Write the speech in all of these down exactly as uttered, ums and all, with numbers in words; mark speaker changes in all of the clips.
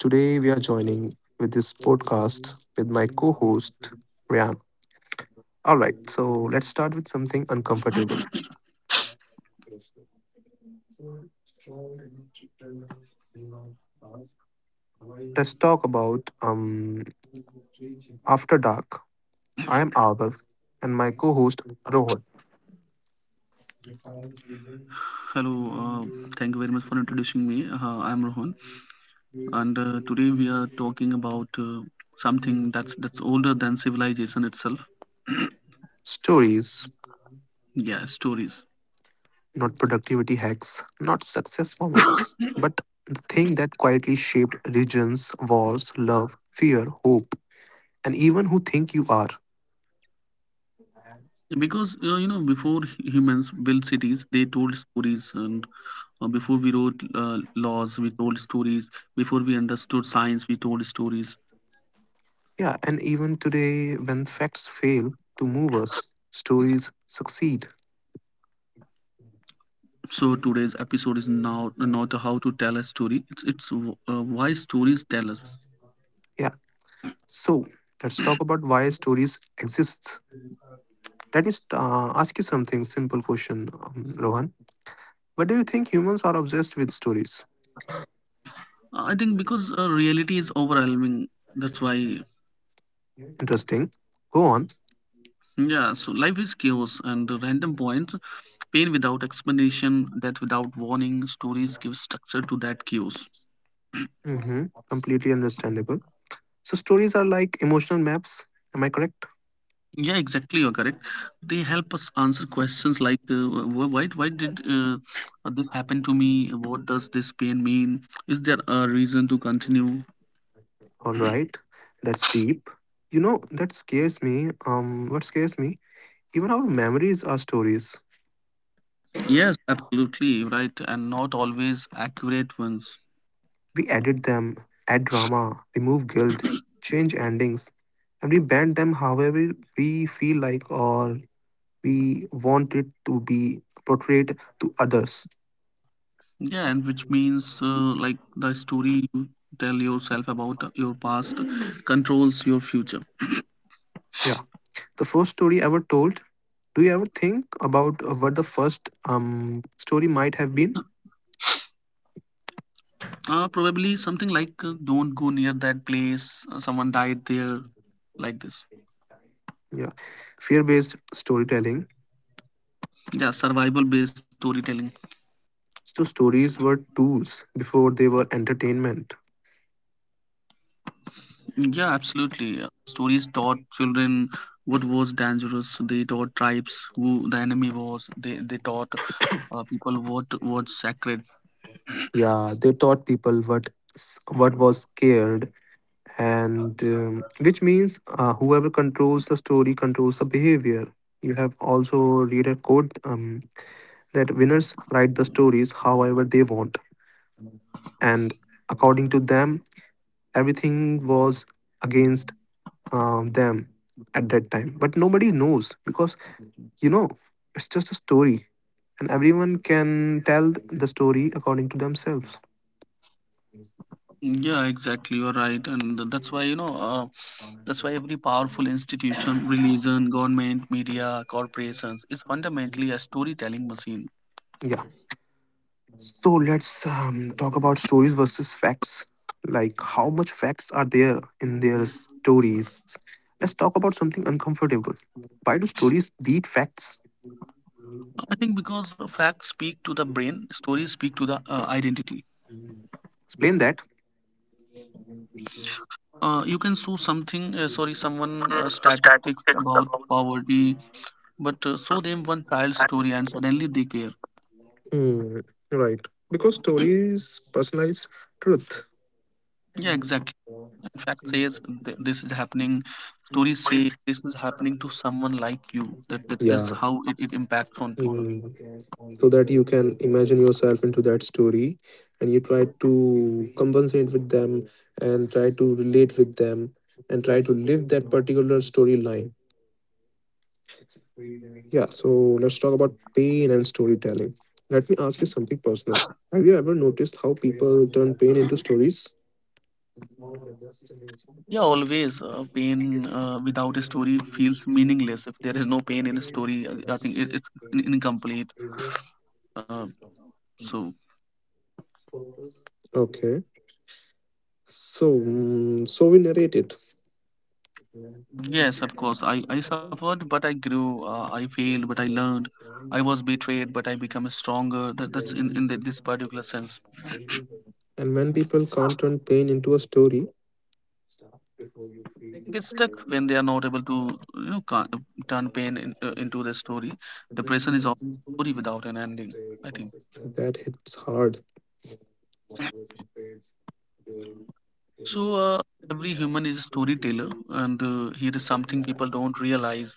Speaker 1: Today we are all right. So let's start with something uncomfortable. I am Arbav, and my co-host Rohan.
Speaker 2: Hello, uh, thank you very much for introducing me. Uh, I'm Rohan, and uh, today we are talking about uh, something that's that's older than civilization itself.
Speaker 1: Stories,
Speaker 2: Yeah, stories.
Speaker 1: not productivity hacks, not success formulas, but the thing that quietly shaped regions, wars, love, fear, hope, and even who think you are.
Speaker 2: Because uh, you know, before hu- humans built cities, they told stories, and uh, before we wrote uh, laws, we told stories. Before we understood science, we told stories.
Speaker 1: Yeah, and even today, when facts fail to move us, stories succeed.
Speaker 2: So today's episode is now not how to tell a story. It's it's w- uh, why stories tell us.
Speaker 1: Yeah. So let's talk about why stories exist. Let me st- uh, ask you something simple question, um, Rohan. But do you think humans are obsessed with stories?
Speaker 2: I think because uh, reality is overwhelming. That's why.
Speaker 1: Interesting. Go on.
Speaker 2: Yeah, so life is chaos and the random points, pain without explanation, death without warning, stories give structure to that chaos.
Speaker 1: Hmm. Completely understandable. So, stories are like emotional maps. Am I correct?
Speaker 2: Yeah, exactly, you're correct. They help us answer questions like uh, wh- why why did uh, this happen to me? What does this pain mean? Is there a reason to continue?
Speaker 1: All right. That's deep. You know, that scares me. Um, what scares me? Even our memories are stories.
Speaker 2: Yes, absolutely, right, and not always accurate ones.
Speaker 1: We edit them, add drama, remove guilt, change endings, and we bend them however we feel like, or we want it to be portrayed to others.
Speaker 2: Yeah, and which means uh, like the story you tell yourself about your past controls your future.
Speaker 1: Yeah. The first story ever told. Do you ever think about uh, what the first um, story might have been?
Speaker 2: Uh, probably something like uh, don't go near that place, uh, someone died there, like this.
Speaker 1: Yeah. Fear based storytelling.
Speaker 2: Yeah, survival based storytelling.
Speaker 1: So, stories were tools before they were entertainment.
Speaker 2: Yeah, absolutely. Uh, Stories taught children what was dangerous. They taught tribes who the enemy was. They they taught uh, people what was sacred.
Speaker 1: Yeah, they taught people what s- what was scared, and um, which means uh, whoever controls the story controls the behavior. You have also read a quote, um, that winners write the stories however they want, and according to them everything was against um, them at that time. But nobody knows because, you know, it's just a story and everyone can tell the story according to themselves.
Speaker 2: Yeah, exactly. You're right, and th- that's why you know. Uh, that's why every powerful institution, religion, government, media, corporations is fundamentally a storytelling machine.
Speaker 1: Yeah. So let's um, talk about stories versus facts. Like, how much facts are there in their stories? Let's talk about something uncomfortable. Why do stories beat facts?
Speaker 2: I think because uh, facts speak to the brain, stories speak to the uh, identity.
Speaker 1: Explain that.
Speaker 2: Uh, you can show something, uh, sorry, someone uh, statistics about poverty, but uh, show them one child's story and suddenly they care.
Speaker 1: Hmm, right. Because stories personalize truth.
Speaker 2: Yeah, exactly. And fact says th- this is happening. Stories say this is happening to someone like you. That, that that's
Speaker 1: Yeah.
Speaker 2: how it, it impacts on people.
Speaker 1: Mm. So that you can imagine yourself into that story and you try to compensate with them and try to relate with them and try to live that particular storyline. Yeah, so let's talk about pain and storytelling. Let me ask you something personal. Have you ever noticed how people turn pain into stories?
Speaker 2: Yeah, always. Uh, pain uh, without a story feels meaningless. If there is no pain in a story, I I think it, it's in- incomplete. Uh, so
Speaker 1: Okay. So, mm, so we narrate it.
Speaker 2: Yes, of course. I, I suffered, but I grew. Uh, I failed, but I learned. I was betrayed, but I become stronger. That, that's in in the, this particular sense.
Speaker 1: And when people can't turn pain into a story,
Speaker 2: Get stuck when they are not able to, you know, ca- turn pain in, uh, into the story. Depression is a
Speaker 1: that
Speaker 2: story without an ending. I think
Speaker 1: hits hard.
Speaker 2: so. Uh, every human is a storyteller, and uh, here is something people don't realize.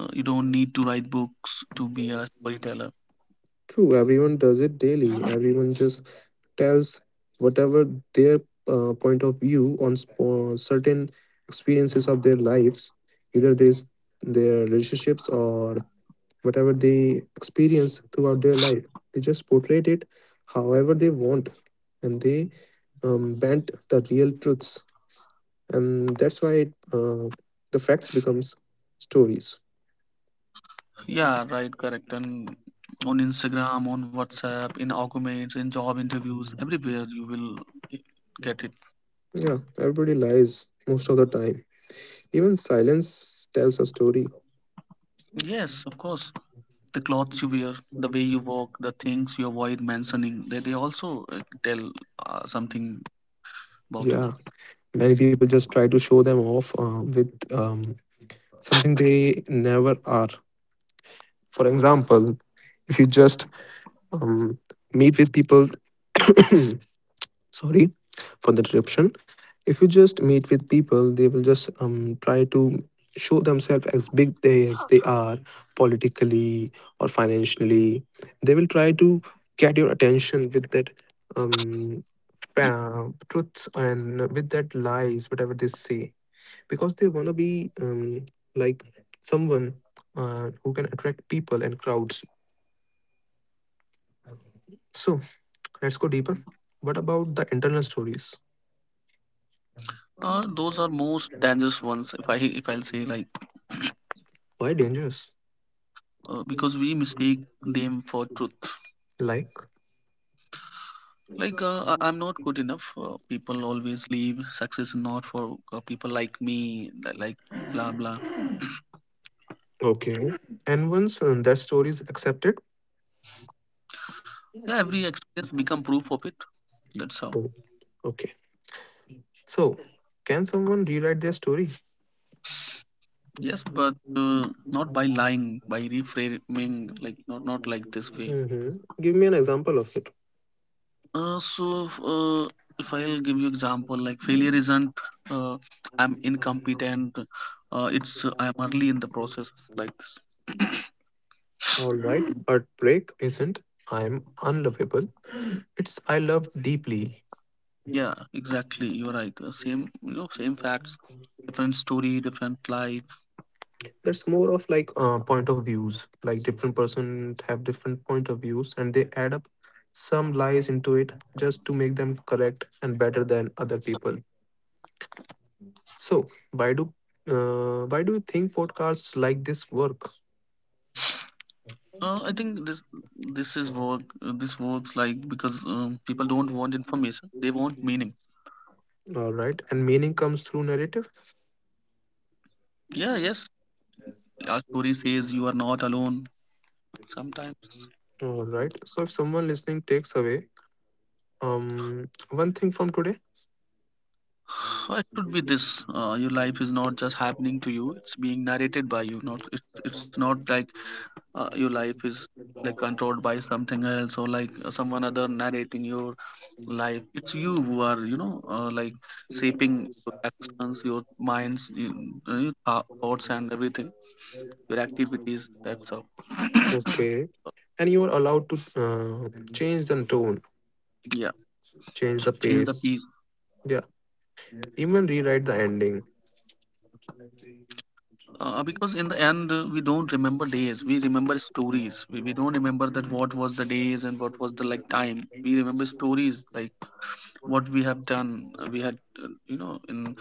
Speaker 2: Uh, you don't need to write books to be a storyteller.
Speaker 1: True, everyone does it daily. Everyone just tells whatever their uh, point of view on sp- uh, certain experiences of their lives, either this their relationships or whatever they experience throughout their life. They just portray it however they want, and they um, bent the real truths, and that's why uh, the facts becomes stories.
Speaker 2: Yeah, right, correct. And on Instagram, on WhatsApp, in arguments, in job interviews, everywhere you will get it.
Speaker 1: Yeah, everybody lies most of the time. Even silence tells a story.
Speaker 2: Yes, of course. The clothes you wear, the way you walk, the things you avoid mentioning, they, they also uh, tell uh, something about you.
Speaker 1: Yeah, many people just try to show them off uh, with um, something they never are. For example, if you just um, meet with people, sorry for the interruption, if you just meet with people they will just um, try to show themselves as big they as they are, politically or financially. They will try to get your attention with that, um, uh, truths and with that lies whatever they say, because they want to be um, like someone uh, who can attract people and crowds. So let's go deeper. What about the internal stories?
Speaker 2: Uh, those are most dangerous ones, if I if I'll say like
Speaker 1: Why dangerous?
Speaker 2: uh, because we mistake them for truth.
Speaker 1: Like,
Speaker 2: Like uh, I- I'm not good enough. Uh, people always leave. Success is not for uh, people like me. li- Like blah blah.
Speaker 1: okay. And once uh, that story is accepted,
Speaker 2: Yeah, every experience become proof of it. That's how.
Speaker 1: oh, okay. So, can someone rewrite their story?
Speaker 2: Yes, but uh, not by lying, by reframing, like not not like this way.
Speaker 1: Hmm. Give me an example of it.
Speaker 2: Uh, so f- uh, if I'll give you example, like failure isn't uh, I'm incompetent, uh, it's uh, I'm early in the process, like this.
Speaker 1: All right. Heartbreak isn't I'm unlovable. It's I love deeply.
Speaker 2: Yeah, exactly, you're right. Uh, same, you know, same facts, different story, different life.
Speaker 1: That's more of like uh, point of views. Like different person have different point of views, and they add up some lies into it just to make them correct and better than other people. So, why do uh, why do you think podcasts like this work?
Speaker 2: Uh, I think this this is work uh, this works like because um, people don't want information, they want meaning.
Speaker 1: All right. And meaning comes through narrative.
Speaker 2: Yeah, yes. Our story says you are not alone. Sometimes
Speaker 1: All right. So if someone listening takes away um one thing from today,
Speaker 2: so it should be this. Uh, your life is not just happening to you; it's being narrated by you. Not it's, it's not like uh, your life is like controlled by something else or like uh, someone other narrating your life. It's you who are, you know, uh, like shaping your actions, your minds, your, your thou- thoughts and everything, your activities. That's all.
Speaker 1: okay, and you are allowed to uh, change the tone,
Speaker 2: Yeah,
Speaker 1: change the
Speaker 2: change the
Speaker 1: pace,
Speaker 2: piece.
Speaker 1: yeah, even rewrite the ending.
Speaker 2: Uh, because in the end, uh, we don't remember days. We remember stories. We, we don't remember that what was the days and what was the like time. We remember stories like what we have done. uh, We had, uh, you know, in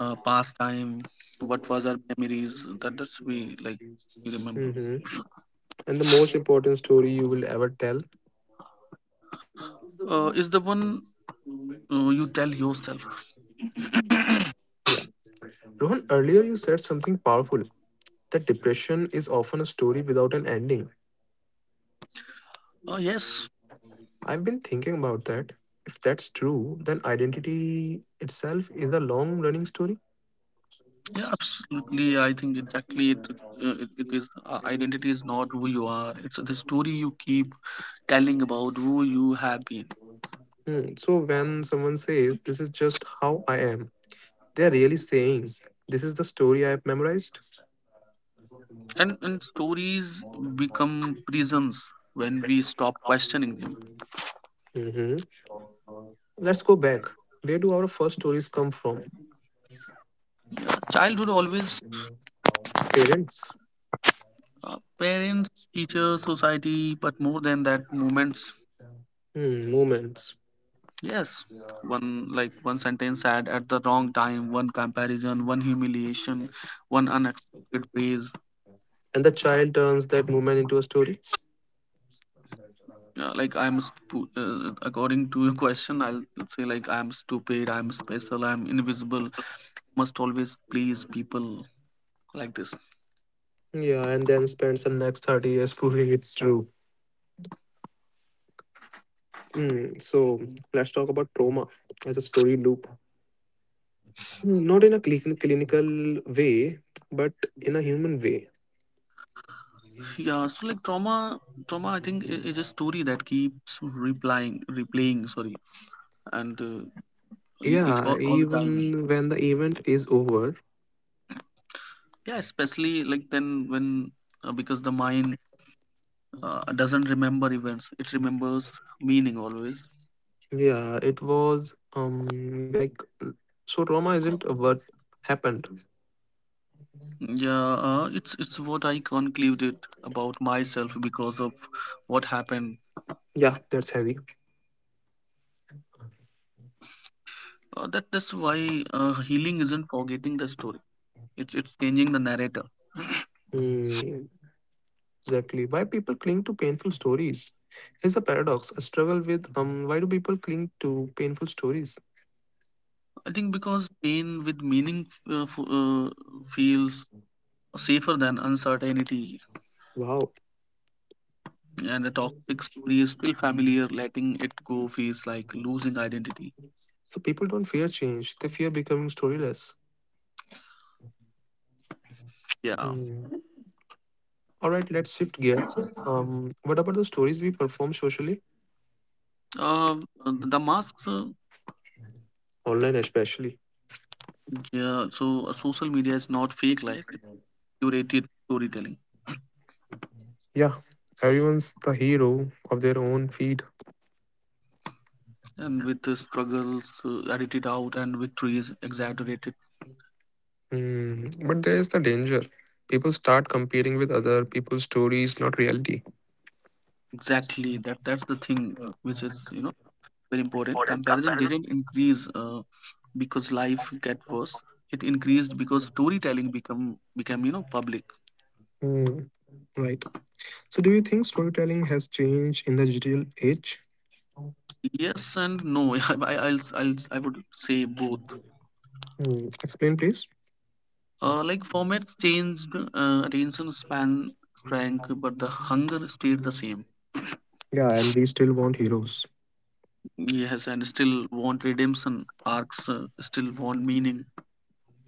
Speaker 2: uh, past time, what was our memories. That that's we like we remember.
Speaker 1: Mm-hmm. And the most important story you will ever tell.
Speaker 2: Uh, is the one uh, you tell yourself.
Speaker 1: Yeah. Rohan, earlier you said something powerful, that depression is often a story without an ending.
Speaker 2: Uh, yes,
Speaker 1: I've been thinking about that. If that's true, then identity itself is a long running story.
Speaker 2: yeah, absolutely. I think exactly it. Uh, it, it is uh, Identity is not who you are. It's the story you keep telling about who you have been.
Speaker 1: Hmm. So when someone says, "This is just how I am," they're really saying, "This is the story I've memorized."
Speaker 2: And and stories become prisons when we stop questioning them.
Speaker 1: Hmm. Let's go back. Where do our first stories come from?
Speaker 2: Yeah, childhood always.
Speaker 1: Parents,
Speaker 2: Uh, parents, teachers, society, but more than that, moments.
Speaker 1: hmm, moments.
Speaker 2: Yes, one like one sentence said at the wrong time, one comparison, one humiliation, one unexpected praise.
Speaker 1: And the child turns that moment into a story.
Speaker 2: Yeah, like i'm stu- uh, according to your question, I'll say like I'm stupid, I'm special, I'm invisible, must always please people, like this.
Speaker 1: Yeah, and then spends the next thirty years proving it's true. Mm, so let's talk about trauma as a story loop. Not in a clin- clinical way, but in a human way.
Speaker 2: Yeah, so like trauma, trauma, I think i- is a story that keeps replying, replaying, sorry, and uh, i- it
Speaker 1: Yeah,
Speaker 2: all, all the time.
Speaker 1: even when the event is over.
Speaker 2: Yeah, especially like then when uh, because the mind uh, doesn't remember events, it remembers meaning always.
Speaker 1: Yeah, it was um like so trauma isn't what happened.
Speaker 2: Yeah, uh, it's it's what I concluded about myself because of what happened.
Speaker 1: Yeah, that's heavy.
Speaker 2: Uh, that that's why uh, healing isn't forgetting the story. It's it's changing the narrator.
Speaker 1: Exactly. Why people cling to painful stories? Here's a paradox. I struggle with um why do people cling to painful stories?
Speaker 2: I think because pain with meaning uh, f- uh, feels safer than uncertainty,
Speaker 1: Wow.
Speaker 2: and a toxic story is still familiar, letting it go feels like losing identity.
Speaker 1: So people don't fear change, they fear becoming storyless.
Speaker 2: Yeah.
Speaker 1: Hmm. All right, let's shift gears. Um, what about the stories we perform socially?
Speaker 2: uh, the masks uh,
Speaker 1: Online especially.
Speaker 2: Yeah, so uh, social media is not fake life, it's curated storytelling,
Speaker 1: Yeah. Everyone's the hero of their own feed.
Speaker 2: and with the struggles uh, edited out and victories exaggerated.
Speaker 1: Hmm. But there is the danger. People start competing with other people's stories, not reality.
Speaker 2: Exactly, that that's the thing which is, you know, very important. Comparison didn't increase uh, because life get worse, it increased because storytelling become became, you know, public.
Speaker 1: Hmm. Right. So, do you think storytelling has changed in the digital age?
Speaker 2: Yes and no. I, I'll, I'll, I would say both.
Speaker 1: Hmm. Explain, please.
Speaker 2: Uh, like formats changed, uh, attention span shrank, but the hunger stayed the same.
Speaker 1: Yeah, and we still want heroes.
Speaker 2: Yes, and still want redemption arcs, uh, still want meaning,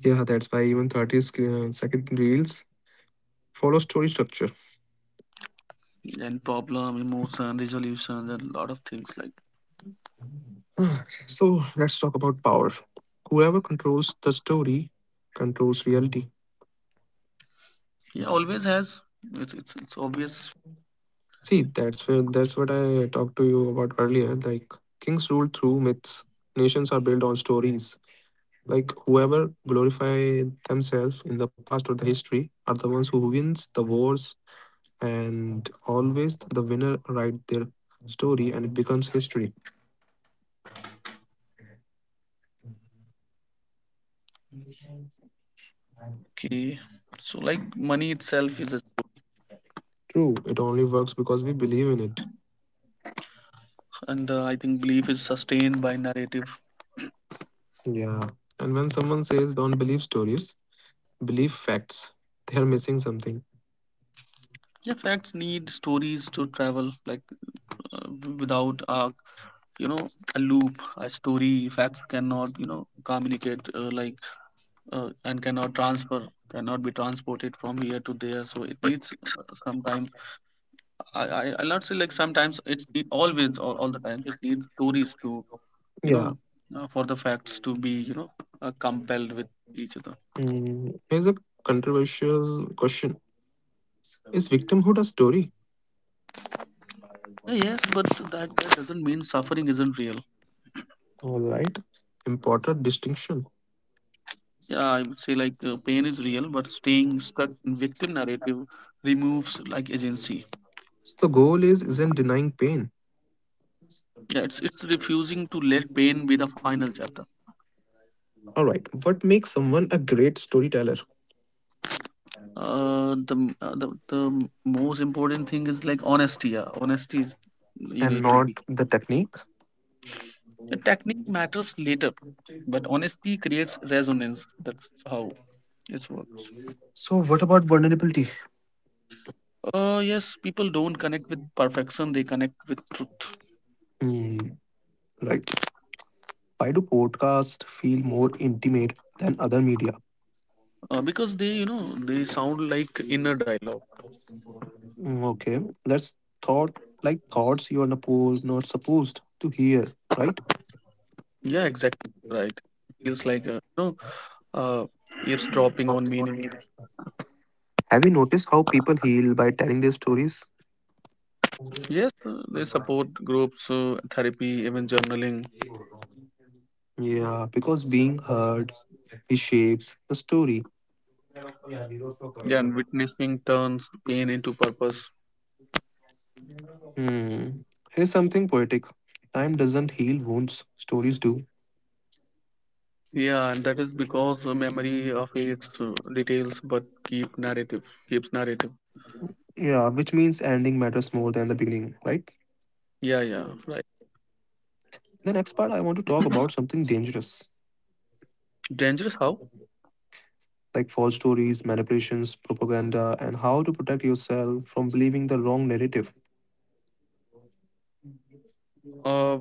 Speaker 1: Yeah, that's why even thirty sc- uh, second reels follow story structure.
Speaker 2: and problem, emotion, resolution, and a lot of things like.
Speaker 1: So, let's talk about power. Whoever controls the story controls reality.
Speaker 2: Yeah, always has. It's it's, it's obvious.
Speaker 1: See, that's where, that's what I talked to you about earlier. Like kings rule through myths. Nations are built on stories. Like whoever glorify themselves in the past or the history are the ones who wins the wars, and always the winner write their story and it becomes history.
Speaker 2: Okay, so like money itself is a
Speaker 1: True, it only works because we believe in it.
Speaker 2: and uh, I think belief is sustained by narrative.
Speaker 1: Yeah. And when someone says don't believe stories, believe facts, they are missing something.
Speaker 2: Yeah, facts need stories to travel like uh, w- without arc, you know, a loop, a story, facts cannot, you know, communicate uh, like uh, and cannot transfer, cannot be transported from here to there, so it needs uh, sometimes, i, I I'll not say like sometimes, it's it always or all the time it needs stories to, you know,
Speaker 1: Yeah.
Speaker 2: uh, for the facts to be, you know, uh, compelled with each other.
Speaker 1: Mm, here's a controversial question. Is victimhood a story?
Speaker 2: Uh, yes, but that that doesn't mean suffering isn't real.
Speaker 1: All right. Important distinction.
Speaker 2: Yeah, I would say like uh, pain is real but staying stuck in victim narrative removes like agency.
Speaker 1: The goal is isn't denying pain.
Speaker 2: Yeah, it's it's refusing to let pain be the final chapter.
Speaker 1: All right. What makes someone a great storyteller?
Speaker 2: Uh, the, m- uh, the the most important thing is like honesty. Yeah, honesty is you
Speaker 1: And
Speaker 2: need to be.
Speaker 1: not the technique.
Speaker 2: The technique matters later, but honesty creates resonance. That's how it works.
Speaker 1: So, what about vulnerability?
Speaker 2: Uh, yes, people don't connect with perfection. They connect with truth.
Speaker 1: Hmm. Right. Why do podcasts feel more intimate than other media?
Speaker 2: Uh, because they, you know, they sound like inner dialogue.
Speaker 1: Mm, okay, that's thought like thoughts you are not supposed not supposed to hear, right?
Speaker 2: Yeah, exactly right. Feels like, uh, you know uh, eavesdropping on meaning.
Speaker 1: Have you noticed how people heal by telling their stories?
Speaker 2: Yes, uh, they support groups, uh, therapy, even journaling,
Speaker 1: Yeah, because being heard reshapes the story.
Speaker 2: yeah, and witnessing turns pain into purpose.
Speaker 1: Hmm. Here's something poetic. Time doesn't heal wounds, stories do.
Speaker 2: Yeah, and that is because uh, memory of its uh, details, but keep narrative, keeps narrative.
Speaker 1: Yeah, which means ending matters more than the beginning, right?
Speaker 2: Yeah, yeah, right.
Speaker 1: The next part I want to talk about something dangerous.
Speaker 2: Dangerous how?
Speaker 1: Like false stories, manipulations, propaganda, and how to protect yourself from believing the wrong narrative.
Speaker 2: Uh,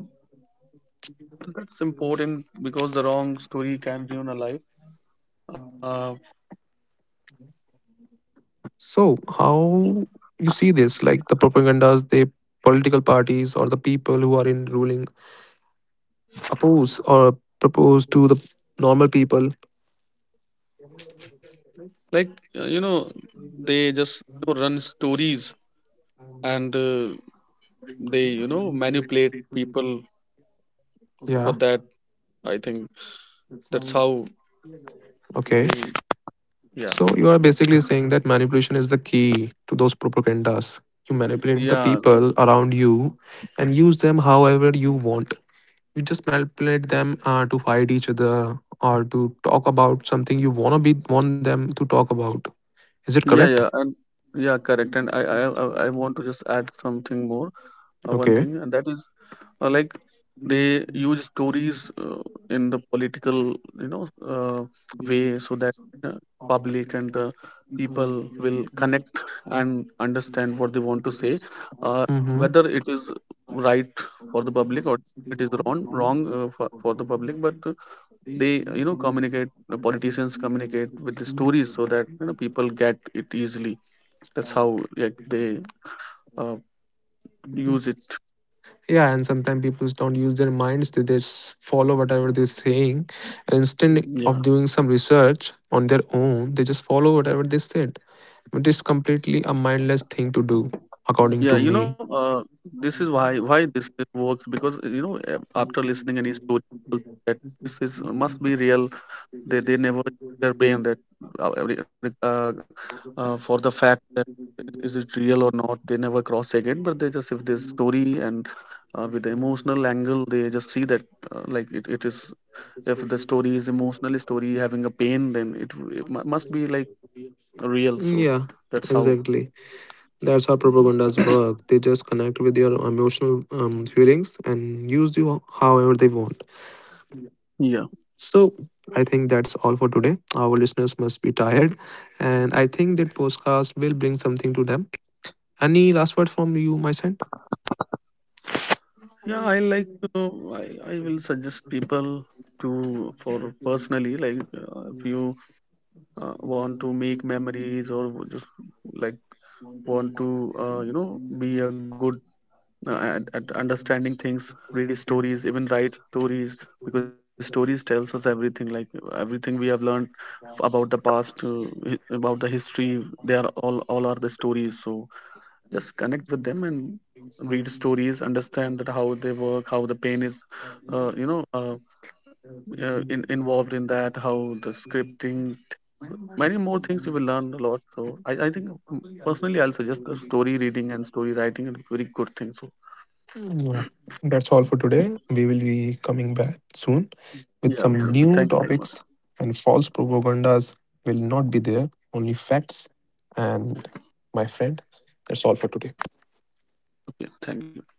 Speaker 2: that's important because the wrong story can ruin a life. Uh,
Speaker 1: So, how you see this? Like the propagandas, the political parties or the people who are in ruling oppose or propose to the normal people.
Speaker 2: like uh, you know, they just, you know, run stories and uh, they, you know, manipulate people
Speaker 1: Yeah.
Speaker 2: for that. I think that's how
Speaker 1: Okay.
Speaker 2: they. Yeah.
Speaker 1: So you are basically saying that manipulation is the key to those propagandas. You manipulate the
Speaker 2: Yeah, like
Speaker 1: people around you and use them however you want. You just manipulate them uh, to fight each other or to talk about something you wanna be want them to talk about. Is it
Speaker 2: yeah,
Speaker 1: correct?
Speaker 2: yeah, and yeah, correct. And I, I, I I want to just add something more, uh, one
Speaker 1: Okay.
Speaker 2: thing, and that is uh, like they use stories uh, in the political, you know, uh, way so that uh, public and the people will connect and understand what they want to say, uh,
Speaker 1: Mm-hmm.
Speaker 2: whether it is right for the public or it is wrong, wrong uh, for, for the public. But they, you know, communicate, the politicians communicate with the stories so that, you know, people get it easily. That's how like they uh, use it.
Speaker 1: Yeah, and sometimes people don't use their minds; they just follow whatever they're saying, and instead of
Speaker 2: Yeah.
Speaker 1: doing some research on their own, they just follow whatever they said. It is completely a mindless thing to do, according to
Speaker 2: Yeah, you
Speaker 1: me.
Speaker 2: know, uh, this is why why this works, because uh, you know uh, after listening any story people think that this is must be real. they they never use their brain that uh, every- uh, uh, for the fact that is it real or not, they never cross check it, but they just if this story and uh, with the emotional angle they just see that uh, like it, it is, if the story is emotional story having a pain then it, w- it mu- must be like real, so
Speaker 1: Yeah,
Speaker 2: that's how.
Speaker 1: exactly. That's how propagandas work. They just connect with your emotional um, feelings and use you however they want.
Speaker 2: Yeah.
Speaker 1: So I think that's all for today. Our listeners must be tired, and I think that podcast will bring something to them. Any last word from you, my friend?
Speaker 2: Yeah, I like uh, I, I will suggest people to for personally, like uh, if you uh, want to make memories or just like want to uh, you know be a good uh, and, and understanding things, read stories, even write stories, because stories tells us everything, like everything we have learned about the past, uh, hi- about the history, they are all all are the stories, so just connect with them and read stories, understand that how they work, how the pain is, uh, you know uh, uh, in, involved in that, how the scripting, many more things you will learn a lot. so i, I think, mm, personally I'll suggest the story reading and story writing are very good thing, so
Speaker 1: Yeah. That's all for today. We will be coming back soon with
Speaker 2: yeah,
Speaker 1: some
Speaker 2: okay,
Speaker 1: new
Speaker 2: thank you very much.
Speaker 1: topics, and false propagandas will not be there, only facts. And my friend, that's all for today.
Speaker 2: Okay, thank you.